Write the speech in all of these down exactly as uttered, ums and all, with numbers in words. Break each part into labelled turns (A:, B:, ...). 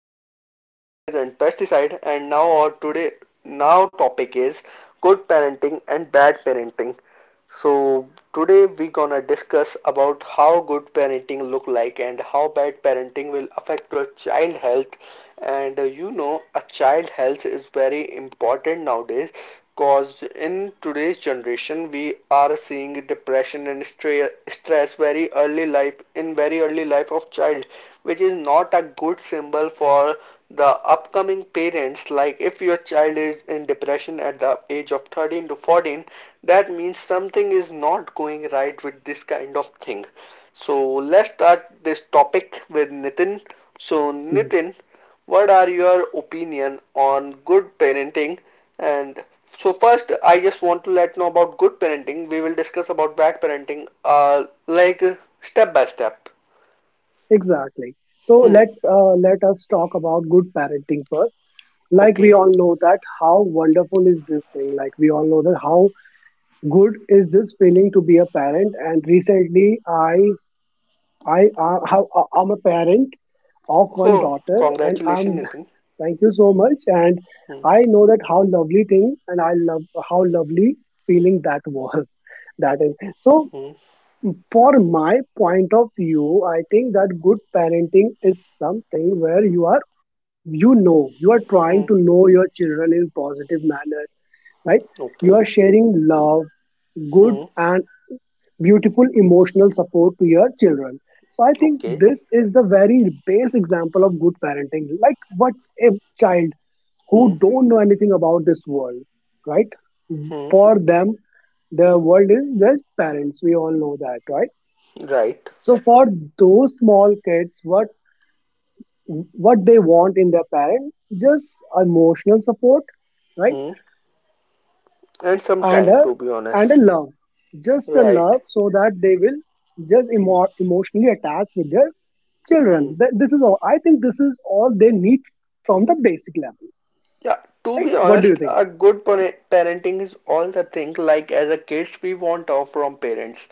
A: we cover fertilizer and pesticide, and now our today now topic is good parenting and bad parenting. So today we gonna discuss about how good parenting look like and how bad parenting will affect your child health. And uh, you know, a child health is very important nowadays because in today's generation we are seeing depression and stre- stress very early life in very early life of child Which is not a good symbol for the upcoming parents. Like if your child is in depression at the age of thirteen to fourteen, that means something is not going right with this kind of thing. So let's start this topic with Nitin. So
B: Mm,
A: Nitin, what are your opinion on good parenting? And so first I just want to let know about good parenting. We will discuss about bad parenting uh like uh, step by step.
B: Exactly. So
A: Hmm.
B: let's uh, let us talk about good parenting first. Like we
A: Okay.
B: all know that how wonderful is this thing. Like we all know that how good is this feeling to be a parent. And recently, I I uh, how uh, I'm a parent of one
A: Oh,
B: daughter, and
A: congratulations,
B: I'm
A: Nitin.
B: Thank you so much. And
A: Hmm.
B: I know that how lovely thing, and I love how lovely feeling that was. That is so.
A: Hmm.
B: For my point of view, I think that good parenting is something where you are, you know, you are trying
A: Hmm.
B: to know your children in positive manner, right? You
A: Okay.
B: are sharing love, good
A: Hmm.
B: and beautiful emotional support to your children. So I think
A: Okay.
B: this is the very base example of good parenting. Like what a child
A: Hmm.
B: who don't know anything about this world, right?
A: Hmm.
B: For them, the world is their parents. We all know that, right?
A: Right.
B: So for those small kids, what what they want in their parent, just emotional support, right?
A: Hmm. And some
B: And
A: time,
B: a
A: to be
B: and a
A: honest.
B: love, just a
A: Right.
B: love, so that they will just emo- emotionally attach with their
A: Hmm.
B: children. Th- This is all. I think this is all they need from the basic level,
A: Yeah, to
B: right?
A: be
B: What do you
A: honest,
B: think?
A: a good par- parenting is all the thing. Like as a kids, we want off from parents.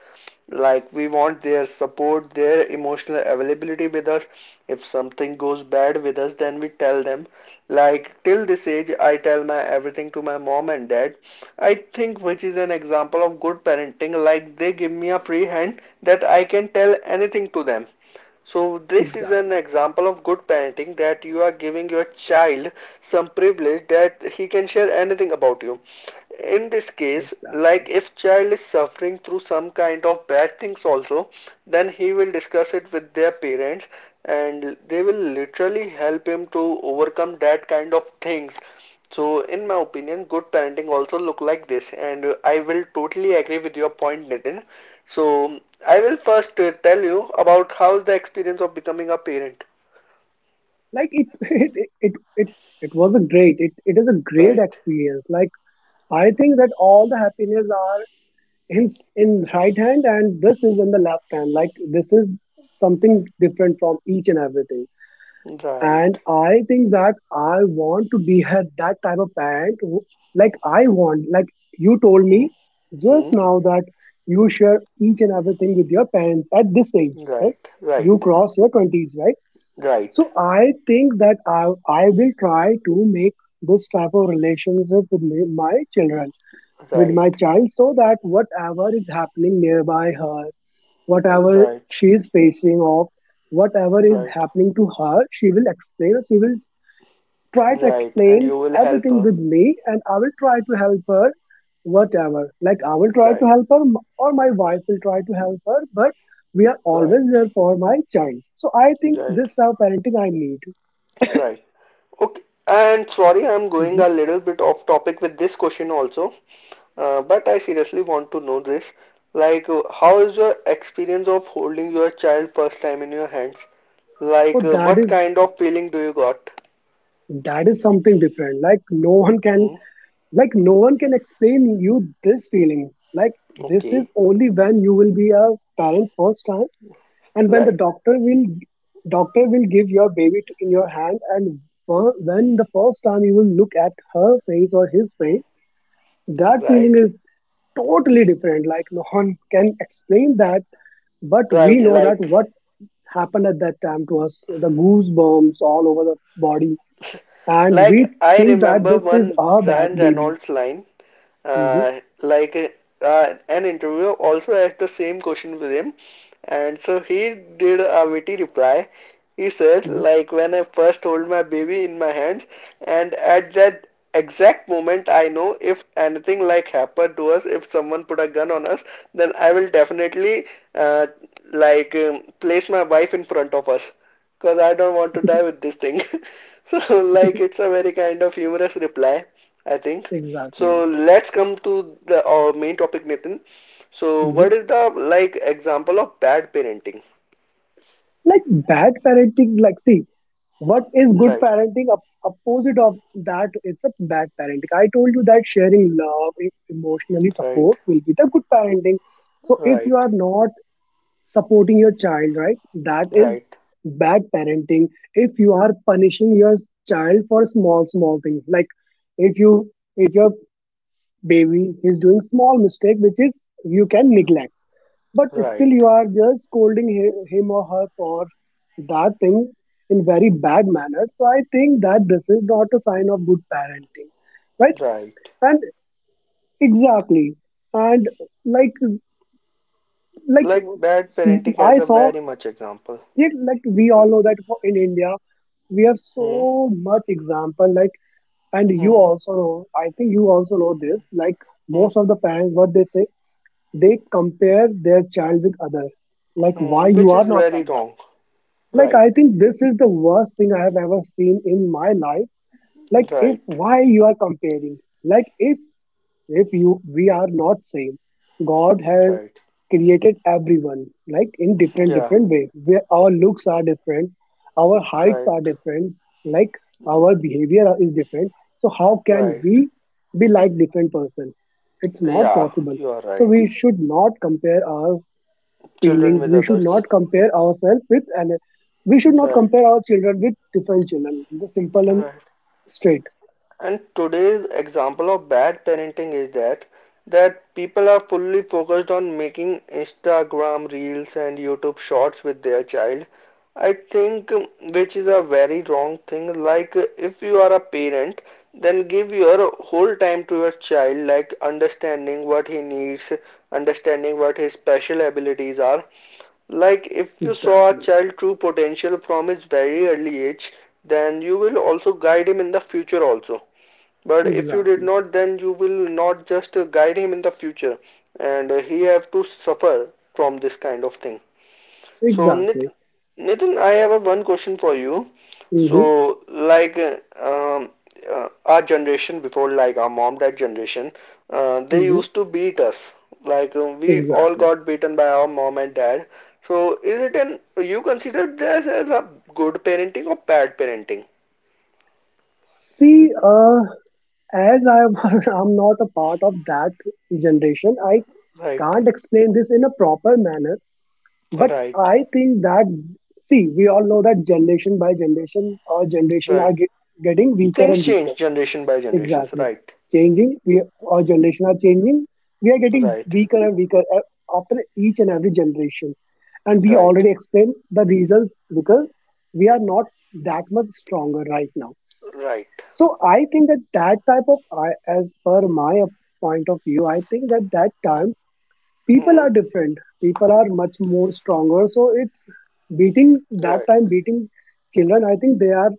A: Like we want their support, their emotional availability with us. If something goes bad with us, then we tell them. Like till this age, I tell my everything to my mom and dad. I think which is an example of good parenting. Like they give me a free hand that I can tell anything to them. So this is
B: Exactly,
A: an example of good parenting, that you are giving your child some privilege that he can share anything about you. In this case,
B: exactly.
A: like if child is suffering through some kind of bad things also, then he will discuss it with their parents and they will literally help him to overcome that kind of things. So, in my opinion, good parenting also look like this, and uh, I will totally agree with your point, Nitin. So, I will first uh, tell you about how's the experience of becoming a parent.
B: Like it, it, it, it, it, was a great. It, it is a great
A: Right,
B: experience. Like I think that all the happiness in in right hand and this is in the left hand, like this is something different from each and everything. And
A: right,
B: I think that I want to be a- that type of parent who, like I want, like you told me
A: hmm, hmm,
B: just now that you share each and everything with your parents at this age, right?
A: right,
B: You
A: right,
B: cross your twenties, right?
A: right,
B: So I think that I I will try to make this type of relationship with my my children, with my
A: right,
B: child, so that whatever is happening nearby her, whatever
A: right,
B: she is facing off, whatever is
A: right,
B: happening to her, she will explain. She will try to
A: right, and
B: explain
A: you will help
B: everything
A: her.
B: with me, and I will try to help her whatever. Like I will try to
A: Right,
B: help her m- or my wife will try to help her, but we are
A: right,
B: always there for my child. So I think
A: right,
B: this type of parenting I need.
A: right. Okay, and sorry, I'm going
B: Hmm.
A: a little bit off topic with this question also. Uh, but I seriously want to know this. Like, uh, how is your experience of holding your child first time in your hands?
B: So
A: Like, uh,
B: that
A: what
B: is
A: kind of feeling do you got?
B: that is something different. Like no one can,
A: Hmm?
B: like no one can explain you this feeling. Like this is
A: Okay.
B: only when you will be a parent first time, and when the
A: Like,
B: doctor will doctor will give your baby to, in your hand, and wh- when the first time you will look at her face or his
A: hmm,
B: face, that feeling
A: right.
B: is totally different. Like no one can explain that, but we
A: Right.
B: know that
A: Like,
B: what happened at that time to us: the goosebumps all over the body, and we
A: like I
B: think that
A: remember
B: this is
A: one
B: our ba-
A: Ryan
B: baby.
A: Reynolds line.
B: Mhm,
A: Uh, like uh, an interviewer also asked the same question with him, and so he did a witty reply. He said,
B: mhm.
A: like when I first hold my baby in my hands, and at that exact moment I know if anything like happened to us, if someone put a gun on us, then I will definitely uh, like um, place my wife in front of us because I don't want to die with this thing. So like it's a very kind of humorous reply, I think. So
B: Exactly.
A: let's come to the our main topic, Nitin. So what
B: Mhm.
A: is the like example of bad parenting?
B: Like bad parenting, like see, what is good
A: Like
B: parenting? Op- opposite of that, it's a bad parenting. I told you that sharing love, e- emotionally
A: right,
B: support will be the good parenting. So if you
A: right,
B: are not supporting your child, right, that is
A: right,
B: bad parenting. If you are punishing your child for small, small things, like if you, if your baby is doing small mistake, which is you can neglect. But still,
A: right,
B: you are just scolding hi- him or her for that thing in very bad manner. So I think that this is not a sign of good parenting, right?
A: right.
B: And exactly, and like like
A: Like bad parenting has
B: I
A: a
B: saw
A: very much example.
B: yeah, like we all know that for- in India we have
A: Hmm,
B: so much example, like, and you
A: hmm,
B: also know, I think you also know this. Like,
A: hmm,
B: most of the parents, what they say, they compare their child with other, like, why
A: hmm,
B: you
A: which
B: are
A: is
B: not
A: very
B: like that?
A: wrong.
B: Like,
A: Right,
B: I think this is the worst thing I have ever seen in my life. Like, if
A: right,
B: why you are comparing? Like, if if you we are not same, God has
A: right.
B: created everyone like in different
A: Yeah,
B: different way. Where our looks are different, our heights
A: right,
B: are different, like our behavior is different. So how can
A: right.
B: we be like different person? It's not
A: Yeah,
B: possible.
A: you are
B: So
A: right.
B: we should not compare our
A: Children
B: feelings.
A: with
B: We should not
A: others.
B: compare ourselves with, and we should not
A: Right,
B: compare our children with different children. The simple and
A: right.
B: straight.
A: And today's example of bad parenting is that that people are fully focused on making Instagram reels and YouTube shorts with their child. I think um, which is a very wrong thing. Like uh, if you are a parent, then give your whole time to your child, like understanding what he needs, understanding what his special abilities are. Like if you saw a
B: Exactly.
A: child true potential from his very early age, then you will also guide him in the future also. But if you did
B: Exactly.
A: not, then you will not just uh, guide him in the future, and uh, he have to suffer from this kind of thing. So
B: Exactly.
A: Nitin, I have a one question for you.
B: Mm-hmm.
A: So like uh, um, uh, our generation before, like our mom dad generation, uh, they
B: Mm-hmm.
A: used to beat us. Like uh, we all
B: Exactly.
A: got beaten by our mom and dad. So is it an you consider this as a good parenting or bad parenting?
B: See, uh, as I'm, I'm not a part of that generation, I
A: Right,
B: can't explain this in a proper manner. But
A: right,
B: I think that, see, we all know that generation by generation, our generation are
A: right.
B: get, getting weaker
A: Things
B: and weaker.
A: change generation by generations.
B: Exactly.
A: Right,
B: Changing. We, our generation are changing. We are getting
A: right,
B: weaker and weaker uh, after each and every generation. And we
A: right,
B: already explained the reasons, because we are not that much stronger right now.
A: right.
B: So I think that that type of, I, as per my point of view, I think that that time people
A: Hmm.
B: are different. People are much more stronger. So it's beating, that
A: Right.
B: time beating children, I think they are,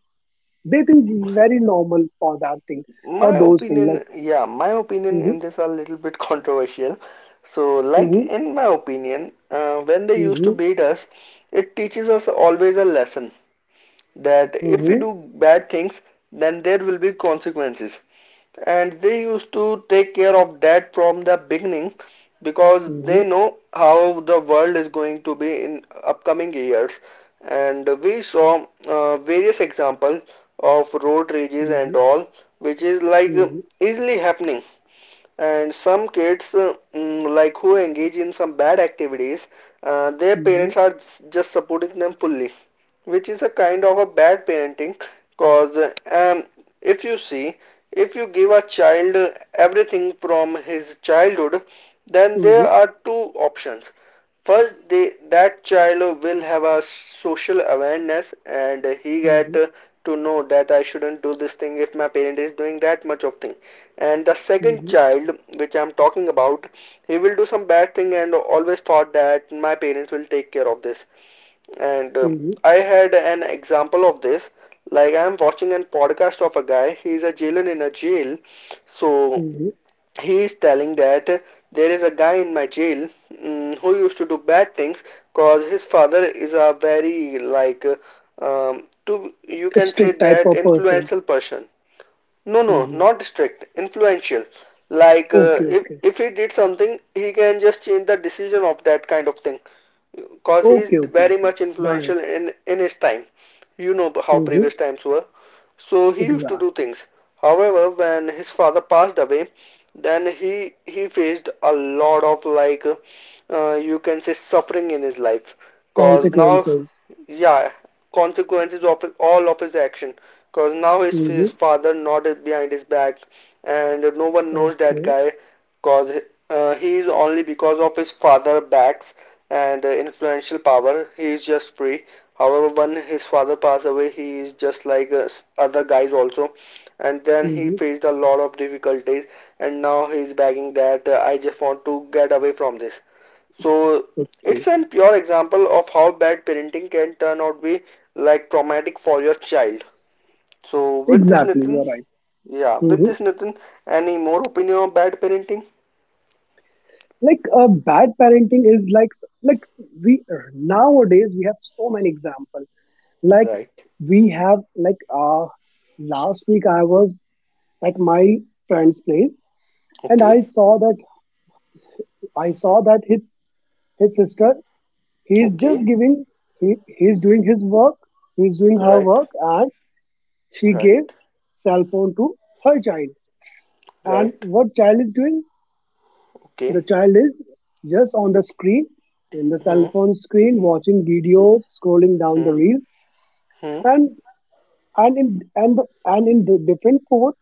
B: they think very normal for that thing, for
A: My
B: those things like.
A: opinion, yeah, my opinion in this are a little bit controversial. So, like
B: Mhm,
A: in my opinion, uh, when they used to
B: mhm,
A: beat us, it teaches us always a lesson that if we
B: mhm,
A: do bad things, then there will be consequences. And they used to take care of that from the beginning because they
B: mhm,
A: know how the world is going to be in upcoming years, and we saw uh, various examples of road rages
B: mhm,
A: and all, which is like
B: mhm,
A: easily happening. And some kids, uh, mm, like who engage in some bad activities, uh, their
B: mhm,
A: parents are just supporting them fully, which is a kind of a bad parenting. Cause uh, um, if you see, if you give a child uh, everything from his childhood, then there
B: mhm,
A: are two options. First, they, that child will have a social awareness and he get
B: mhm,
A: uh, to know that I shouldn't do this thing if my parent is doing that much of thing. And the second
B: mhm,
A: child which I'm talking about, he will do some bad thing and always thought that my parents will take care of this. And uh,
B: mhm,
A: I had an example of this. Like I'm watching a podcast of a guy. He's a jailer in a jail. So
B: mhm.
A: he is telling that there is a guy in my jail, mm, who used to do bad things, cause his father is a very like uh, um, to you
B: A
A: can say
B: strict type
A: that
B: of person.
A: influential person. No, no,
B: Hmm.
A: not strict, influential. Like uh,
B: Okay,
A: if
B: okay,
A: if he did something, he can just change the decision of that kind of thing. Cause he is
B: okay, okay,
A: very
B: okay.
A: much
B: Got it.
A: influential in in his time. You know how
B: Hmm.
A: previous times were. So he used to do
B: Exact.
A: things. However, when his father passed away, then he he faced a lot of like uh, you can say suffering in his life. Cause now,
B: Consequences.
A: yeah, consequences of all of his action. Cause now his,
B: Hmm.
A: his father nodded behind his back, and no one knows that
B: Okay.
A: guy. Cause uh, he is only because of his father backs and uh, influential power. He is just free. However, when his father passed away, he is just like uh, other guys also. And then he
B: Hmm.
A: faced a lot of difficulties, and now he is begging that uh, I just want to get away from this. So
B: Okay.
A: it's a pure example of how bad parenting can turn out to be, like traumatic for your child. So with this
B: Exactly.
A: Nitin,
B: You're right.
A: yeah, with
B: Hmm.
A: this Nitin, any more opinion on bad parenting?
B: Like uh, bad parenting is like s- like we uh, nowadays we have so many examples. Like
A: Right.
B: we have like uh last week I was at my friend's place, and I
A: Okay.
B: saw that I saw that his his sister, he is just
A: Okay.
B: giving, he he's doing his work, he's doing her
A: Right.
B: work, and she gave
A: Right.
B: cell phone to her child. And
A: Right.
B: what child is doing? The
A: Okay.
B: child is just on the screen, in the cell
A: Hmm.
B: phone screen, watching videos, scrolling down
A: Hmm.
B: the reels,
A: Hmm.
B: and and in and and in the different phone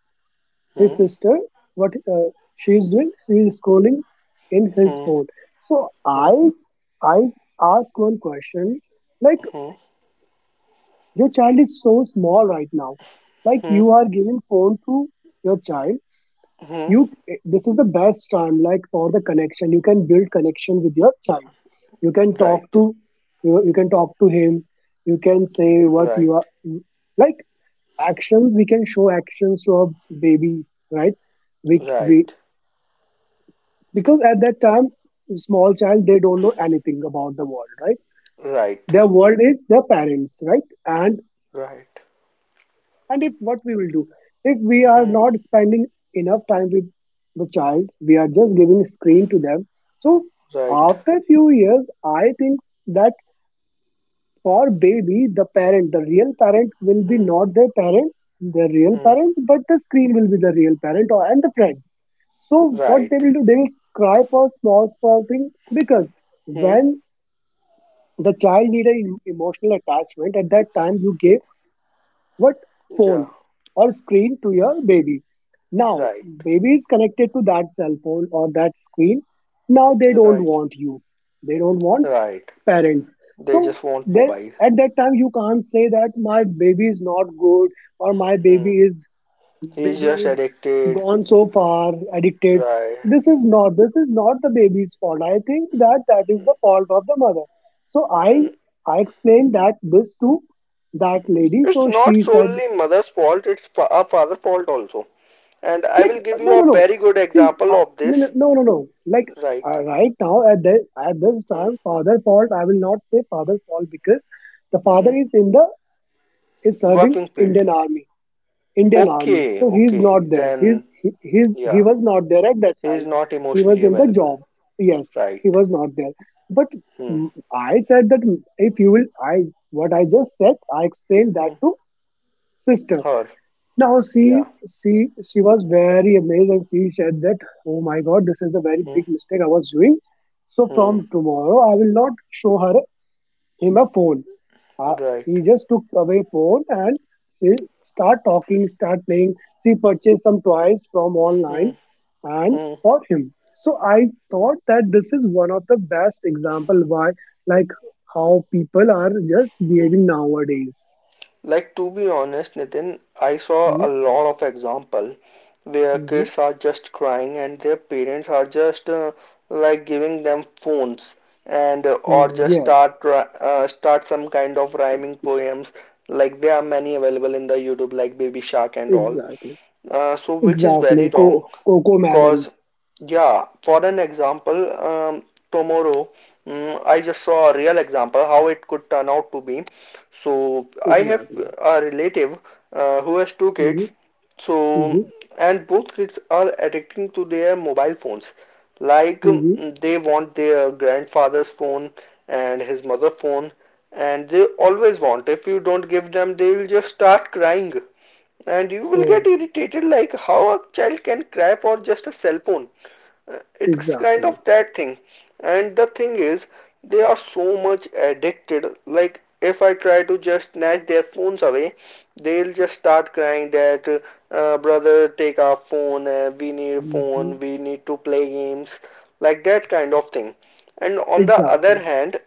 B: his
A: Hmm.
B: sister, what uh, she is doing, she is scrolling in his
A: Hmm.
B: phone. So
A: Hmm.
B: i i ask one question, like
A: Hmm.
B: your child is so small right now, like
A: Hmm.
B: you are giving phone to your child.
A: Hmm.
B: You, this is the best time, like for the connection, you can build connection with your child. You can talk
A: Right.
B: to you, you can talk to him, you can say what you
A: Right.
B: are, like actions, we can show actions to our baby, right? We we
A: Right.
B: because at that time small child they don't know anything about the world, right?
A: Right.
B: Their world is their parents, right? and
A: Right.
B: and if what we will do, if we are
A: Hmm.
B: not spending enough time with the child, we are just giving screen to them. So
A: Right.
B: after few years, I think that for baby the parent, the real parent will be
A: Hmm.
B: not their parents, the real
A: Hmm.
B: parents, but the screen will be the real parent or and the friend. So what they
A: Right.
B: will do, they will cry for small small thing, because
A: Hmm.
B: when the child need an emotional attachment, at that time you gave what, phone
A: Yeah.
B: or screen to your baby. Now
A: Right.
B: baby is connected to that cell phone or that screen, now they don't
A: Right.
B: want you, they don't want
A: Right.
B: parents.
A: They
B: So
A: just want
B: they,
A: mobile.
B: at that time you can't say that my baby is not good or my
A: Hmm.
B: baby is,
A: He's
B: baby
A: just
B: is
A: addicted.
B: gone so far addicted.
A: Right.
B: This is not, this is not the baby's fault. I think that that is the fault of the mother. So i
A: Mm.
B: i explained that this to that lady,
A: It's
B: so she
A: not
B: said,
A: solely mother's fault, it's fa- a father's fault also. And I
B: like
A: will
B: uh,
A: give you
B: no
A: a
B: no no,
A: very good
B: see,
A: example
B: uh,
A: of
B: no no
A: this.
B: no no no. Like,
A: Right.
B: uh, right now at the at this
A: Hmm.
B: time father fault, I will not say father fault, because the father
A: Hmm.
B: is in the is serving
A: Working field.
B: indian army Indian Army.
A: Okay,
B: So he's
A: okay.
B: not there. He's
A: Then,
B: he, he's he
A: yeah,
B: was not there at that
A: he is
B: time.
A: not
B: He was
A: emotionally
B: in the
A: available.
B: job. Yes, he
A: Right.
B: was not there. But
A: Hmm.
B: mm, I said that mm, if you will, I what I just said, I explained that
A: Hmm.
B: to sister.
A: Her.
B: Now she
A: Yeah.
B: she she was very amazed, and she said that, oh my god, this is the very
A: Hmm.
B: big mistake I was doing. So
A: Hmm.
B: from tomorrow, I will not show her him a phone. Uh,
A: Right.
B: he just took away phone, and she start talking, start playing. She purchased some toys from
A: Hmm.
B: online and
A: Hmm.
B: for him. So I thought that this is one of the best example why, like how people are just
A: Hmm.
B: behaving nowadays.
A: Like to be honest, Nitin, I saw a
B: Mm-hmm.
A: lot of example where kids are just crying and their parents are just uh, like giving them phones and uh, or
B: Mm,
A: just
B: yes,
A: start ri- uh, start some kind of rhyming poems. Like there are many available in the YouTube, like Baby Shark and all.
B: exactly,
A: Uh, so which is very
B: exactly.
A: wrong.
B: Co- Coco
A: Cause
B: melon,
A: yeah, for an example, um, tomorrow mm, I just saw a real example how it could turn out to be. So I have
B: exactly.
A: a relative uh, who has two
B: Mm-hmm.
A: kids. So
B: Mm-hmm.
A: and both kids are addicting to their mobile phones. Like
B: Mm-hmm.
A: mm, they want their grandfather's phone and his mother's phone, and they always want. If you don't give them, they will just start crying and you will get
B: Oh,
A: irritated, like how a child can cry for just a cell phone. Uh, it's kind
B: exactly.
A: of that thing. And the thing is they are so much addicted. Like if I try to just snatch their phones away, they'll just start crying that uh, brother take our phone, uh, we need a
B: Mm-hmm.
A: phone, we need to play games, like that kind of thing. And on the other
B: Exactly.
A: hand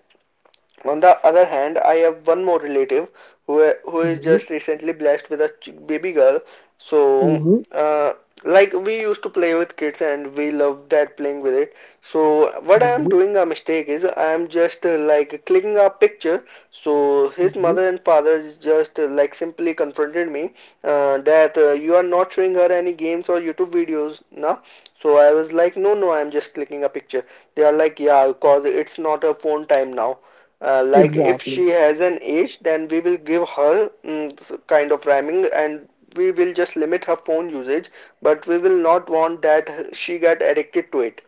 A: on the other hand, I have one more relative who who is
B: Mm-hmm.
A: just recently blessed with a baby girl. So,
B: Mm-hmm.
A: uh, like we used to play with kids and we loved that playing with it. So, what I am doing a mistake is I am just uh, like clicking a picture. So his
B: Mhm.
A: mother and father just uh, like simply confronted me uh, that uh, you are not showing her any games or YouTube videos now. So I was like, no, no, I'm just clicking a picture. They are like, yeah, cause it's not a phone time now. Uh, like if
B: Exactly.
A: she has an age, then we will give her mm, kind of rhyming and we will just limit her phone usage, but we will not want that she got addicted to it.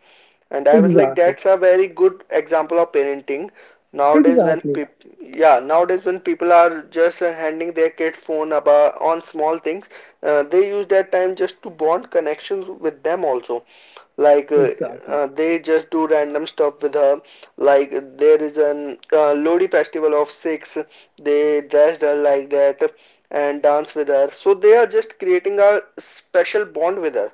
A: And I was like,
B: Exactly.
A: that's a very good example of parenting. Nowadays, when
B: Exactly.
A: people, yeah, nowadays when people are just uh, handing their kids phone about on small things, uh, they use that time just to bond connections with them also. Like uh,
B: Exactly.
A: uh, they just do random stuff with her. Like there is an uh, Lodi festival of six, they dressed her like that and dance with her. So they are just creating a special bond with her.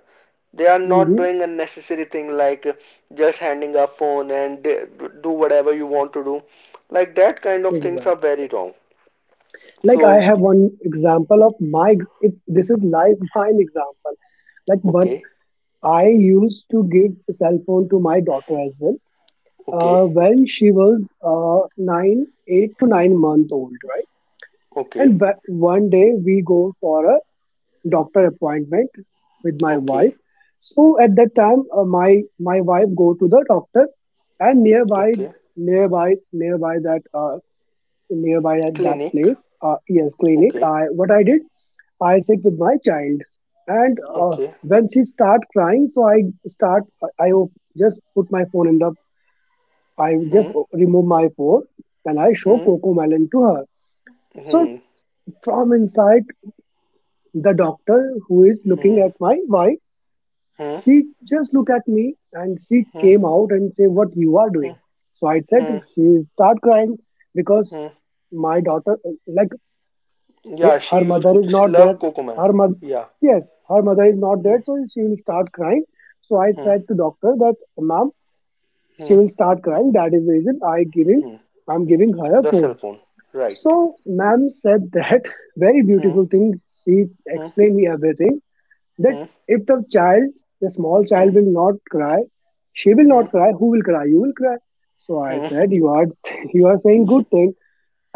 A: They are not
B: Hmm.
A: doing unnecessary thing like uh, just handing a phone and uh, do whatever you want to do. Like that kind of things are
B: Exactly.
A: very wrong.
B: Like I
A: So,
B: have one example of my. ex- It, this is like mine example. Like what,
A: okay,
B: I used to give cell phone to my daughter as well. Uh,
A: okay,
B: when she was uh, nine, eight to nine month old, right?
A: okay,
B: And wh- one day we go for a doctor appointment with my
A: okay,
B: wife. So at that time, uh, my my wife go to the doctor, and nearby,
A: okay.
B: nearby, nearby that uh, nearby at that
A: Clinic,
B: place, uh, yes, clinic.
A: okay,
B: I What I did, I sit with my child, and uh,
A: okay.
B: when she start crying, so I start, I, I op- just put my phone in the, I just
A: Hmm,
B: o- remove my phone, and I show
A: hmm,
B: Coco Melon to her. So
A: hmm,
B: from inside, the doctor who is looking
A: hmm,
B: at my wife.
A: hmm,
B: She just looked at me and she
A: hmm,
B: came out and said, "What you are
A: hmm,
B: doing?" So I said,
A: hmm,
B: she start crying because
A: hmm.
B: my daughter, like he-
A: Yeah, she
B: her
A: used
B: mother is
A: she
B: not
A: love
B: there.
A: Kokomai.
B: Her mother,
A: Yeah.
B: yes, her mother is not there.
A: Hmm,
B: So she will start crying. So I
A: hmm,
B: said to doctor that, "Ma'am, she
A: hmm,
B: will start crying. That is the reason I giving,
A: hmm.
B: I'm giving her a
A: The cell
B: phone."
A: phone, right?
B: So ma'am said that very
A: Hmm,
B: beautiful thing. She
A: hmm,
B: explained me everything that
A: hmm,
B: if the child, the small child
A: hmm,
B: will not cry, she will
A: hmm,
B: not cry, who will cry? You will cry. So I
A: hmm.
B: said, you are, you are saying good thing.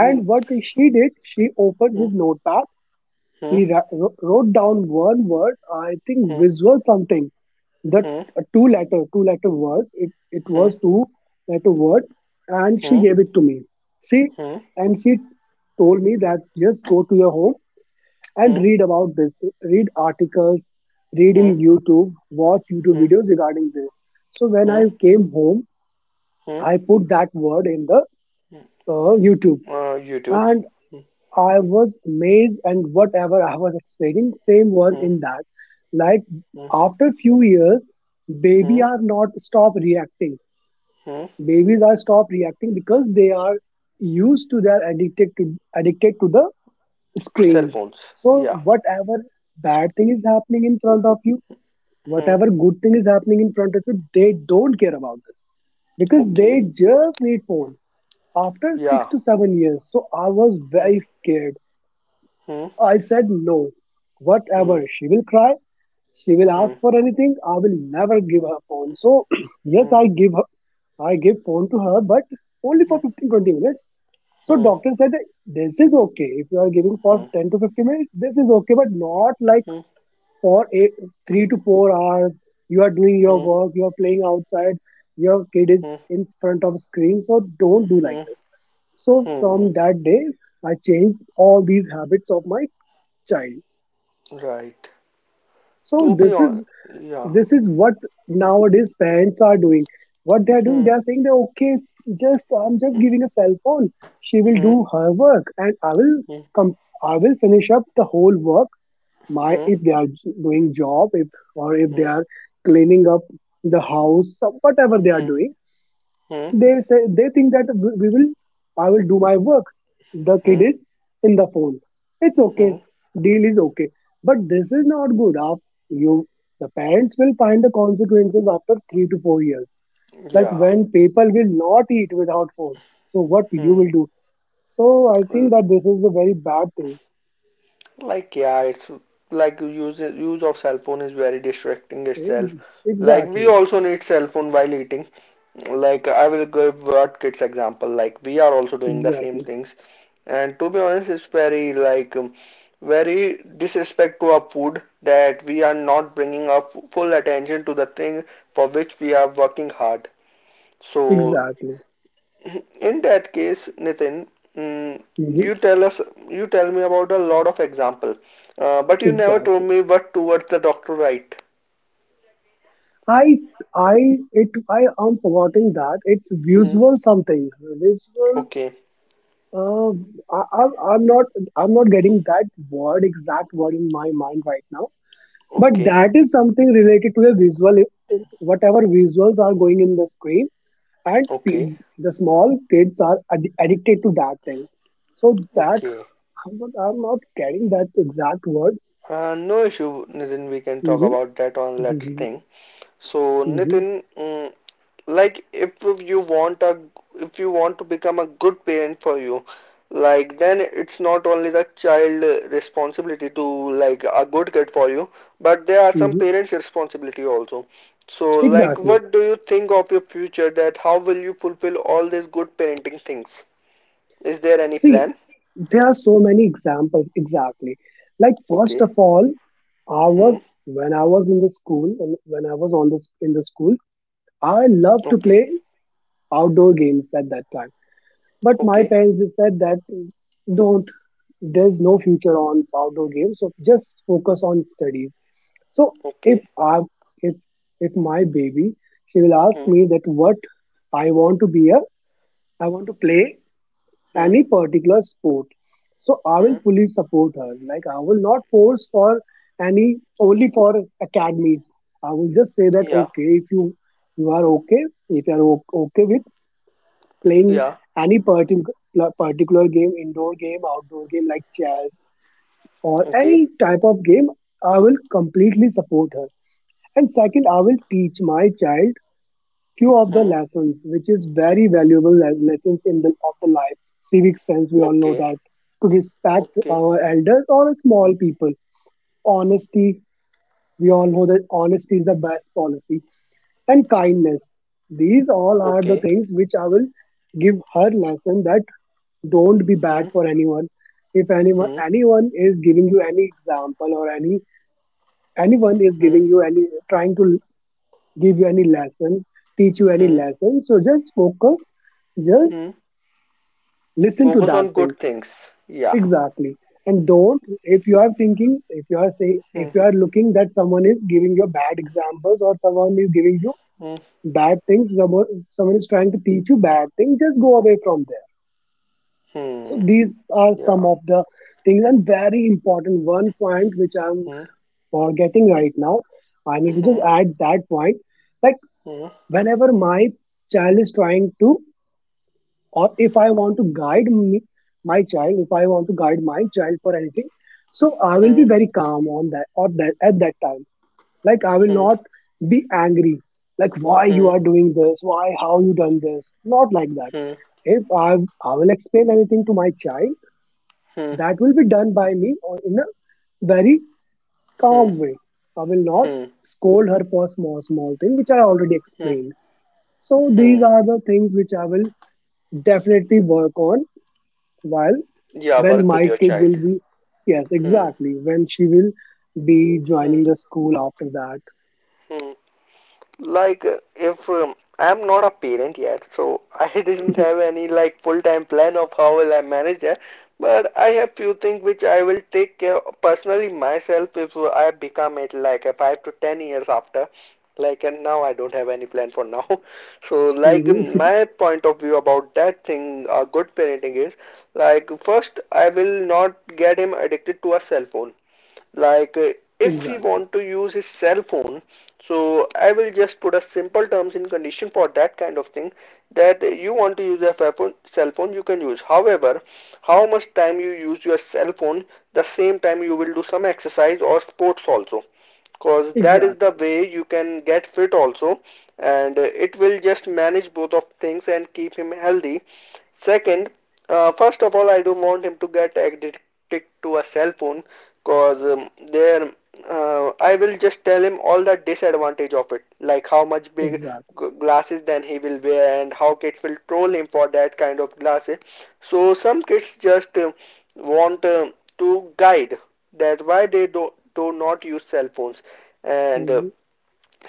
A: Uh,
B: what she did, she opened his notepad. She ra- wro- wrote down one word, I think visual something, that a two letter, two letter word. It, it was two letter word. And she gave it to me. See, and she told me that just go to your home and read about this, read articles, read in YouTube, watch YouTube videos regarding this. So when I came home, I put that word in the uh, YouTube,
A: YouTube.
B: and I was amazed and whatever I was explaining same was in that, like after few years, baby are not stop reacting. Babies are stop reacting because they are used to, they are addicted to addicted to the
A: Cell
B: screens.
A: phones.
B: So
A: Yeah.
B: whatever bad thing is happening in front of you, whatever good thing is happening in front of you, they don't care about this because they
A: Okay.
B: just need phone. After six
A: Yeah.
B: to seven years, so I was very scared. I said, no, whatever. She will cry. She will ask for anything. I will never give her phone. So, yes, I give her, I give phone to her, but only for fifteen, twenty minutes. So, doctor said, that this is okay. If you are giving for ten to fifteen minutes, this is okay, but not like for eight, three to four hours. You are doing your work, you are playing outside, your kid is in front of screen. So, don't do like this. So, from that day, I changed all these habits of mine child.
A: Right.
B: So
A: To be
B: this is
A: on. Yeah.
B: this is what nowadays parents are doing. What they are doing, they are saying that okay, just I'm just giving a cell phone, she will do her work and I will
A: Yeah.
B: come, I will finish up the whole work. My, if they are doing job, if, or if they are cleaning up the house, some- whatever they are doing, they say, they think that we we will I will do my work, the kid is in the phone, it's okay, deal is okay, but this is not good. Af- you the parents will find the consequences after three to four years, like when people will not eat without phone, so what you will do? So I
A: Uh,
B: think that this is a very bad thing.
A: Like yeah, it's like use use of cell phone is very distracting
B: Eh,
A: itself. Like we
B: exactly,
A: also need cell phone while eating. Like I will give what kids example. Like we are also doing the same
B: exactly,
A: things, and to be honest, it's very like um, very disrespect to our food that we are not bringing our fu- full attention to the thing for which we are working hard. So
B: exactly.
A: in that case, Nitin, mm,
B: Hmm.
A: you tell us, you tell me about a lot of example, uh, but you never
B: Exactly.
A: told me what towards the doctor right.
B: I I it I am forgetting that it's
A: Hmm.
B: visual something. Visual.
A: Okay,
B: Uh, I, I'm I'm not I'm not getting that word exact word in my mind right now. But
A: okay,
B: that is something related to a visual, whatever visuals are going in the screen, and
A: okay,
B: pe- the small kids are ad- addicted to that thing. So that
A: okay.
B: I'm not, I'm not getting that exact word.
A: Uh, no issue, Nitin. We can talk
B: Hmm.
A: about that on later
B: Hmm.
A: thing. So,
B: Hmm.
A: Nitin, mm like if you want a if you want to become a good parent for you, like then it's not only the child responsibility to like a good kid for you, but there are some
B: Hmm.
A: parents responsibility also. So like
B: Exactly.
A: what do you think of your future, that how will you fulfill all these good parenting things? Is there any
B: See,
A: plan?
B: there are so many examples exactly. Like first
A: Okay.
B: of all, I was
A: Hmm.
B: when I was in the school and when I was on the in the school, I loved to
A: Okay,
B: play outdoor games at that time. But my
A: okay,
B: parents just said that, don't, there's no future on outdoor games, so just focus on studies. So if
A: okay.
B: I, if if my baby, she will ask
A: Hmm,
B: me that what I want to be a I want to play
A: hmm,
B: any particular sport. So I will
A: hmm.
B: fully support her. Like I will not force for any, only for academies. I will just say that
A: Yeah,
B: okay, if you you are okay, if you are o- okay with playing
A: yeah.
B: any particular particular game, indoor game, outdoor game like chess or
A: Okay.
B: any type of game, I will completely support her. And second, I will teach my child few of the
A: Hmm.
B: lessons, which is very valuable le- lessons in the of the life, civic sense. We all know
A: Okay,
B: that, to respect
A: okay,
B: our elders or small people, honesty. We all know that honesty is the best policy, and kindness. These all are the
A: okay.
B: things which I will give her lesson that, don't be bad
A: Hmm.
B: for anyone. If anyone
A: Hmm.
B: anyone is giving you any example or any anyone is
A: Hmm.
B: giving you any trying to give you any lesson, teach you any
A: Hmm.
B: lesson. So just focus,
A: Hmm.
B: just listen to
A: Focus
B: that
A: on
B: thing.
A: good things. Yeah.
B: Exactly. And don't, if you are thinking, if you are saying, if
A: Hmm.
B: you are looking that someone is giving you bad examples or someone is giving you
A: Hmm.
B: bad things, someone someone is trying to teach you bad things, just go away from there. So
A: Hmm.
B: these are some
A: Yeah.
B: of the things, and very important one point which I'm
A: Hmm.
B: forgetting right now. I need to just
A: Hmm.
B: add that point. Like
A: Hmm.
B: whenever my child is trying to, or if I want to guide me, my child, if I want to guide my child for anything, so I will be
A: Hmm.
B: very calm on that, or that at that time, like I will
A: Hmm.
B: not be angry, like why
A: Hmm.
B: you
A: Hmm.
B: are doing this, why how you done this, not like that.
A: Hmm.
B: If i i will explain anything to my child, that will be done by me or in a very calm
A: Hmm.
B: way. I will not
A: Hmm.
B: scold her for small small thing which I already
A: Hmm.
B: explained. So these
A: Hmm.
B: are the things which I will definitely work on, while
A: Yeah.
B: when
A: Work
B: my
A: with your
B: kid
A: child.
B: will be, yes,
A: Hmm.
B: exactly, when she will be
A: Hmm.
B: joining the school after that.
A: Hmm. Like, uh, if um, I'm not a parent yet, so I didn't have any like full-time plan of how will I manage that. But I have few things which I will take care of personally myself if I become it like a five to ten years after. Like, and now I don't have any plan for now. So, like,
B: Mhm.
A: my point of view about that thing, uh, good parenting is, like, first, I will not get him addicted to a cell phone, like uh, if he
B: Exactly,
A: want to use his cell phone. So I will just put a simple terms in condition for that kind of thing, that you want to use a cell phone- you can use however, how much time you use your cell phone, the same time you will do some exercise or sports also, because that is
B: exactly,
A: the way you can get fit also. And uh, it will just manage both of things and keep him healthy. Second, uh, first of all, I don't want him to get addicted to a cell phone, because um, there uh, I will just tell him all the disadvantage of it, like how much big
B: exactly.
A: glasses then he will wear and how kids will troll him for that kind of glasses. So some kids just um want um to guide that why they do, do not use cell phones. And uh,
B: Mhm.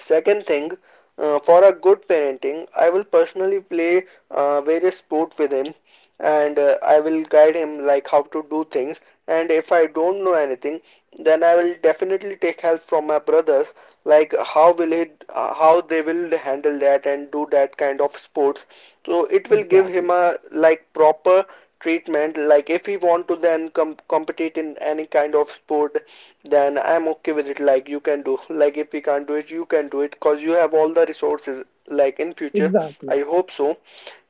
A: second thing, uh, for a good parenting, I will personally play uh, various sport with him. And uh, I will guide him like how to do things. And if I don't know anything, then I will definitely take help from my brothers, like how will he, uh, how they will handle that and do that kind of sports, so it will give
B: Exactly,
A: him a like proper treatment. Like if he want to then com- compete in any kind of sport, then I'm okay with it. Like you can do, like if he can't do it, you can do it, because you have all the resources, like in future, I
B: exactly.
A: hope so.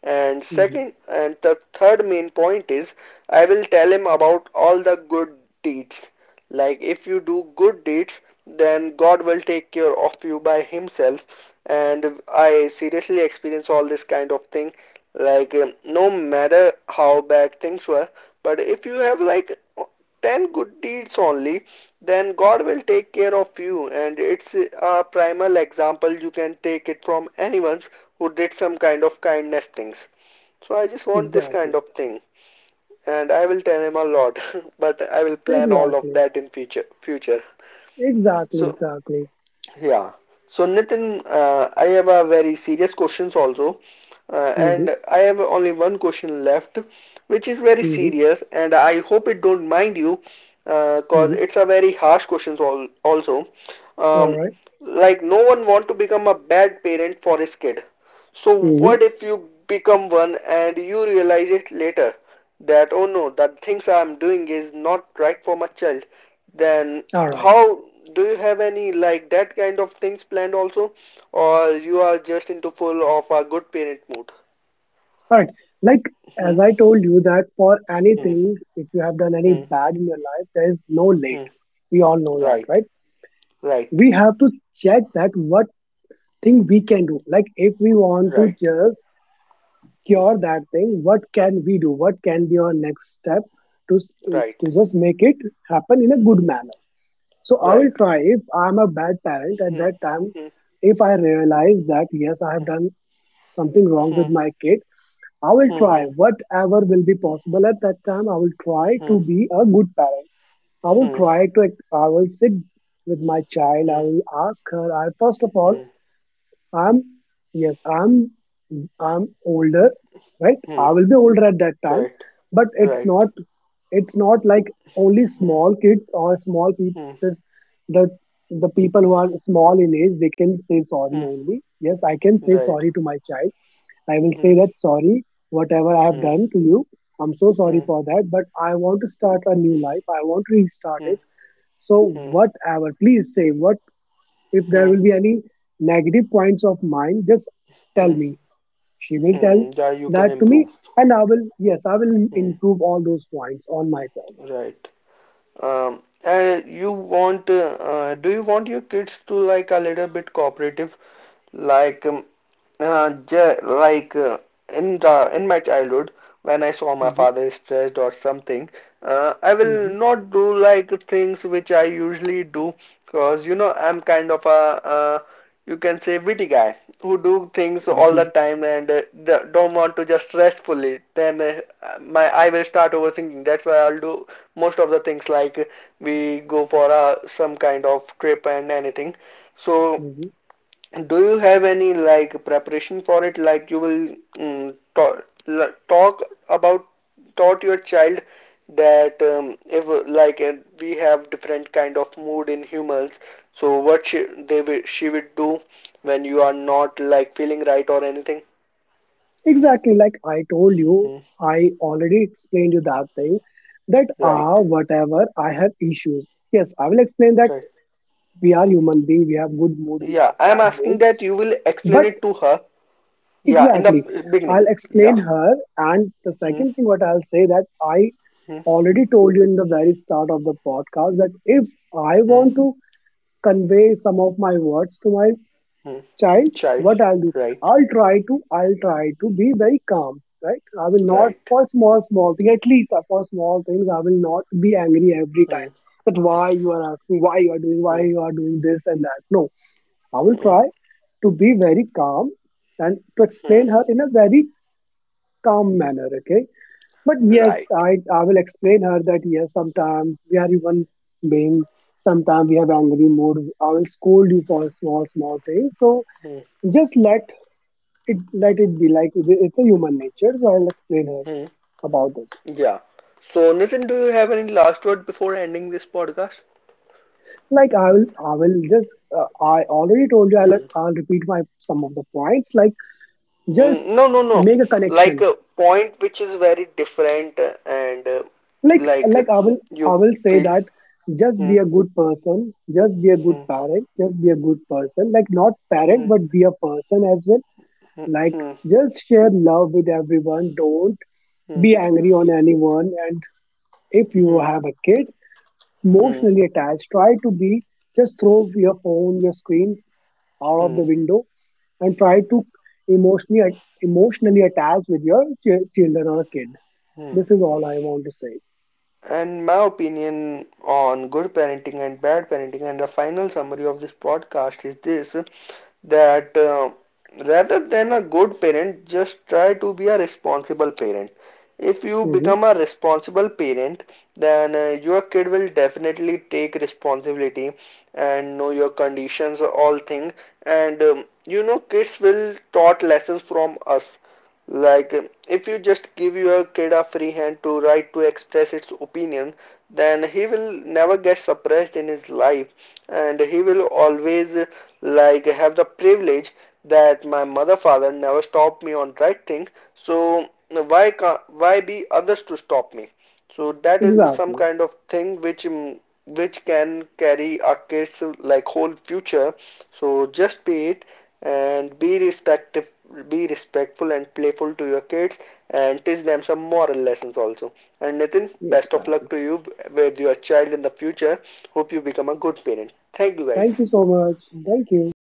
A: And
B: Mhm.
A: second and the third main point is, I will tell him about all the good deeds, like if you do good deeds, then God will take care of you by Himself. And I seriously experience all this kind of thing. Like um, no matter how bad things were, but if you have like ten good deeds only, then God will take care of you. And it's a primal example. You can take it from anyone who did some kind of kindness things. So I just want this kind
B: Exactly,
A: of thing, and I will tell him a lot, but I will plan all of
B: exactly,
A: that in future. Future.
B: exactly,
A: So
B: exactly.
A: yeah. So Nitin, uh, I have a very serious questions also, uh,
B: Mhm.
A: and I have only one question left, which is very
B: Mhm.
A: serious, and I hope it don't mind you, uh, cause
B: Mhm.
A: it's a very harsh questions all also.
B: All
A: Um,
B: right.
A: like no one want to become a bad parent for his kid. So
B: Mhm.
A: what if you become one and you realize it later, that oh no, the things I'm doing is not right for my child? Then
B: All right.
A: how, do you have any like that kind of things planned also, or you are just into full of a good parent mood?
B: All right. Like
A: Hmm,
B: as I told you that for
A: hmm,
B: anything, if you have done any
A: hmm,
B: bad in your life, there is no
A: hmm.
B: late. We all know that,
A: Right,
B: right?
A: right,
B: We have to check that what thing we can do. Like if we want to
A: right,
B: just cure that thing, what can we do? What can be our next step to
A: right,
B: to just make it happen in a good manner? So I will
A: right.
B: try if I'm a bad parent at
A: Hmm,
B: that time.
A: hmm,
B: If I realize that yes, I have
A: hmm,
B: done something wrong
A: hmm,
B: with my kid, I will
A: hmm,
B: try
A: hmm,
B: whatever will be possible at that time. I will try to be a good parent. I will
A: hmm, hmm,
B: try to. I will sit with my child. I
A: hmm,
B: will ask her. I first of all,
A: hmm,
B: I'm yes, I'm I'm older, right?
A: hmm.
B: I will be older at that time,
A: Right,
B: but it's
A: right.
B: not it's not like only
A: Hmm,
B: small kids or small people.
A: hmm,
B: Just the the people who are small in age, they can say sorry
A: hmm,
B: only. Yes, I can say
A: right.
B: sorry to my child. I will
A: Hmm,
B: say that sorry, whatever I have
A: hmm,
B: done to you. I'm so
A: hmm,
B: sorry
A: hmm,
B: for that, but I want to start a new life. I want to restart it. So
A: hmm,
B: whatever, please say what, if there
A: hmm,
B: will be any negative points of mine, just tell
A: hmm,
B: me. She will tell
A: hmm. Yeah, you can
B: that to me,
A: improve.
B: and I will, yes, I will
A: Hmm,
B: improve all those points on myself.
A: right. Um, uh, you want, uh, uh, do you want your kids to like a little bit cooperative? Like, um, uh, ja like uh, in the in my childhood, when I saw my
B: Mhm,
A: father stressed or something, uh, I will
B: mhm,
A: not do like things which I usually do, because you know I'm kind of a, uh, you can say witty guy who do things all the
B: mhm,
A: time, and uh, d- don't want to just rest fully. Then uh, my I will start overthinking. That's why I'll do most of the things, like we go for uh, some kind of trip and anything. So
B: mhm.
A: do you have any like preparation for it? Like you will mm, talk, talk about taught your child that um, if uh, like uh, we have different kind of mood in humans, so what she, they will, she would do when you are not like feeling right or anything?
B: Exactly, like I told you,
A: Hmm.
B: I already explained you that thing that ah,
A: Right,
B: whatever I have issues. Yes, I will explain that
A: right.
B: we are human being, we have good mood, we
A: Yeah,
B: have
A: I am
B: bad
A: asking
B: mood,
A: that you will explain
B: but
A: it to her. Yeah, in
B: exactly.
A: the beginning.
B: I'll
A: Yeah.
B: explain her. And the
A: Hmm,
B: second thing, what I'll say that I
A: hmm,
B: already told you in the very start of the podcast that if I
A: hmm,
B: want to convey some of my words to my
A: hmm.
B: child,
A: Child.
B: what I'll do,
A: Right,
B: I'll try to, I'll try to be very calm, right? I will not
A: right.
B: for small, small thing, at least for small things, I will not be angry every
A: Hmm,
B: time. That why you are asking, why you are doing, why
A: hmm.
B: you are doing this and that. No, I will
A: Mm-hmm.
B: try to be very calm and to explain her in a very calm manner, okay? But yes,
A: Right.
B: i i will explain her that yes sometimes we are even being, sometimes we have angry mood. I will scold you for small small things, so just let it let it be, like it- it's a human nature. So I'll explain her
A: Mm-hmm.
B: about this.
A: Yeah. So, Nitin, do you have any last word before ending this podcast?
B: Like i will i will just, uh, I already told you, I'll,
A: Mm.
B: I'll repeat my some of the points, like
A: Mm.
B: just
A: No, no, no.
B: make a
A: Like
B: connection,
A: a point which is very different, uh, and uh,
B: like
A: like uh,
B: like i will i
A: you
B: will say
A: feel.
B: that, just
A: Hmm,
B: be a good person, just be a good
A: hmm,
B: parent, just be a good person, like not parent
A: hmm,
B: but be a person as well.
A: hmm,
B: Like
A: hmm,
B: just share love with everyone, don't
A: hmm,
B: be angry on anyone, and if you have a kid
A: hmm,
B: emotionally attached, try to be, just throw your phone, your screen out of
A: hmm,
B: the window and try to emotionally emotionally attach with your ch- children or a kid.
A: hmm.
B: This is all I want to say.
A: And my opinion on good parenting and bad parenting and the final summary of this podcast is this, that uh, rather than a good parent, just try to be a responsible parent. If you
B: Hmm.
A: become a responsible parent, then uh, your kid will definitely take responsibility and know your conditions all things. And um, you know kids will taught lessons from us, like, um, if you just give your kid a free hand to write to express its opinion, then he will never get suppressed in his life, and he will always like have the privilege that my mother father never stopped me on right thing. So why can't, why be others to stop me? So that is the, some
B: Exactly.
A: kind of thing which mm, which can carry a kid's like whole future. So just be it, and be respective be respectful and playful to your kids, and teach them some moral lessons also. And Nitin, best of luck
B: Exactly.
A: to you with your child in the future. Hope you become a good parent. Thank you
B: Thank
A: guys.
B: you so much. Thank you.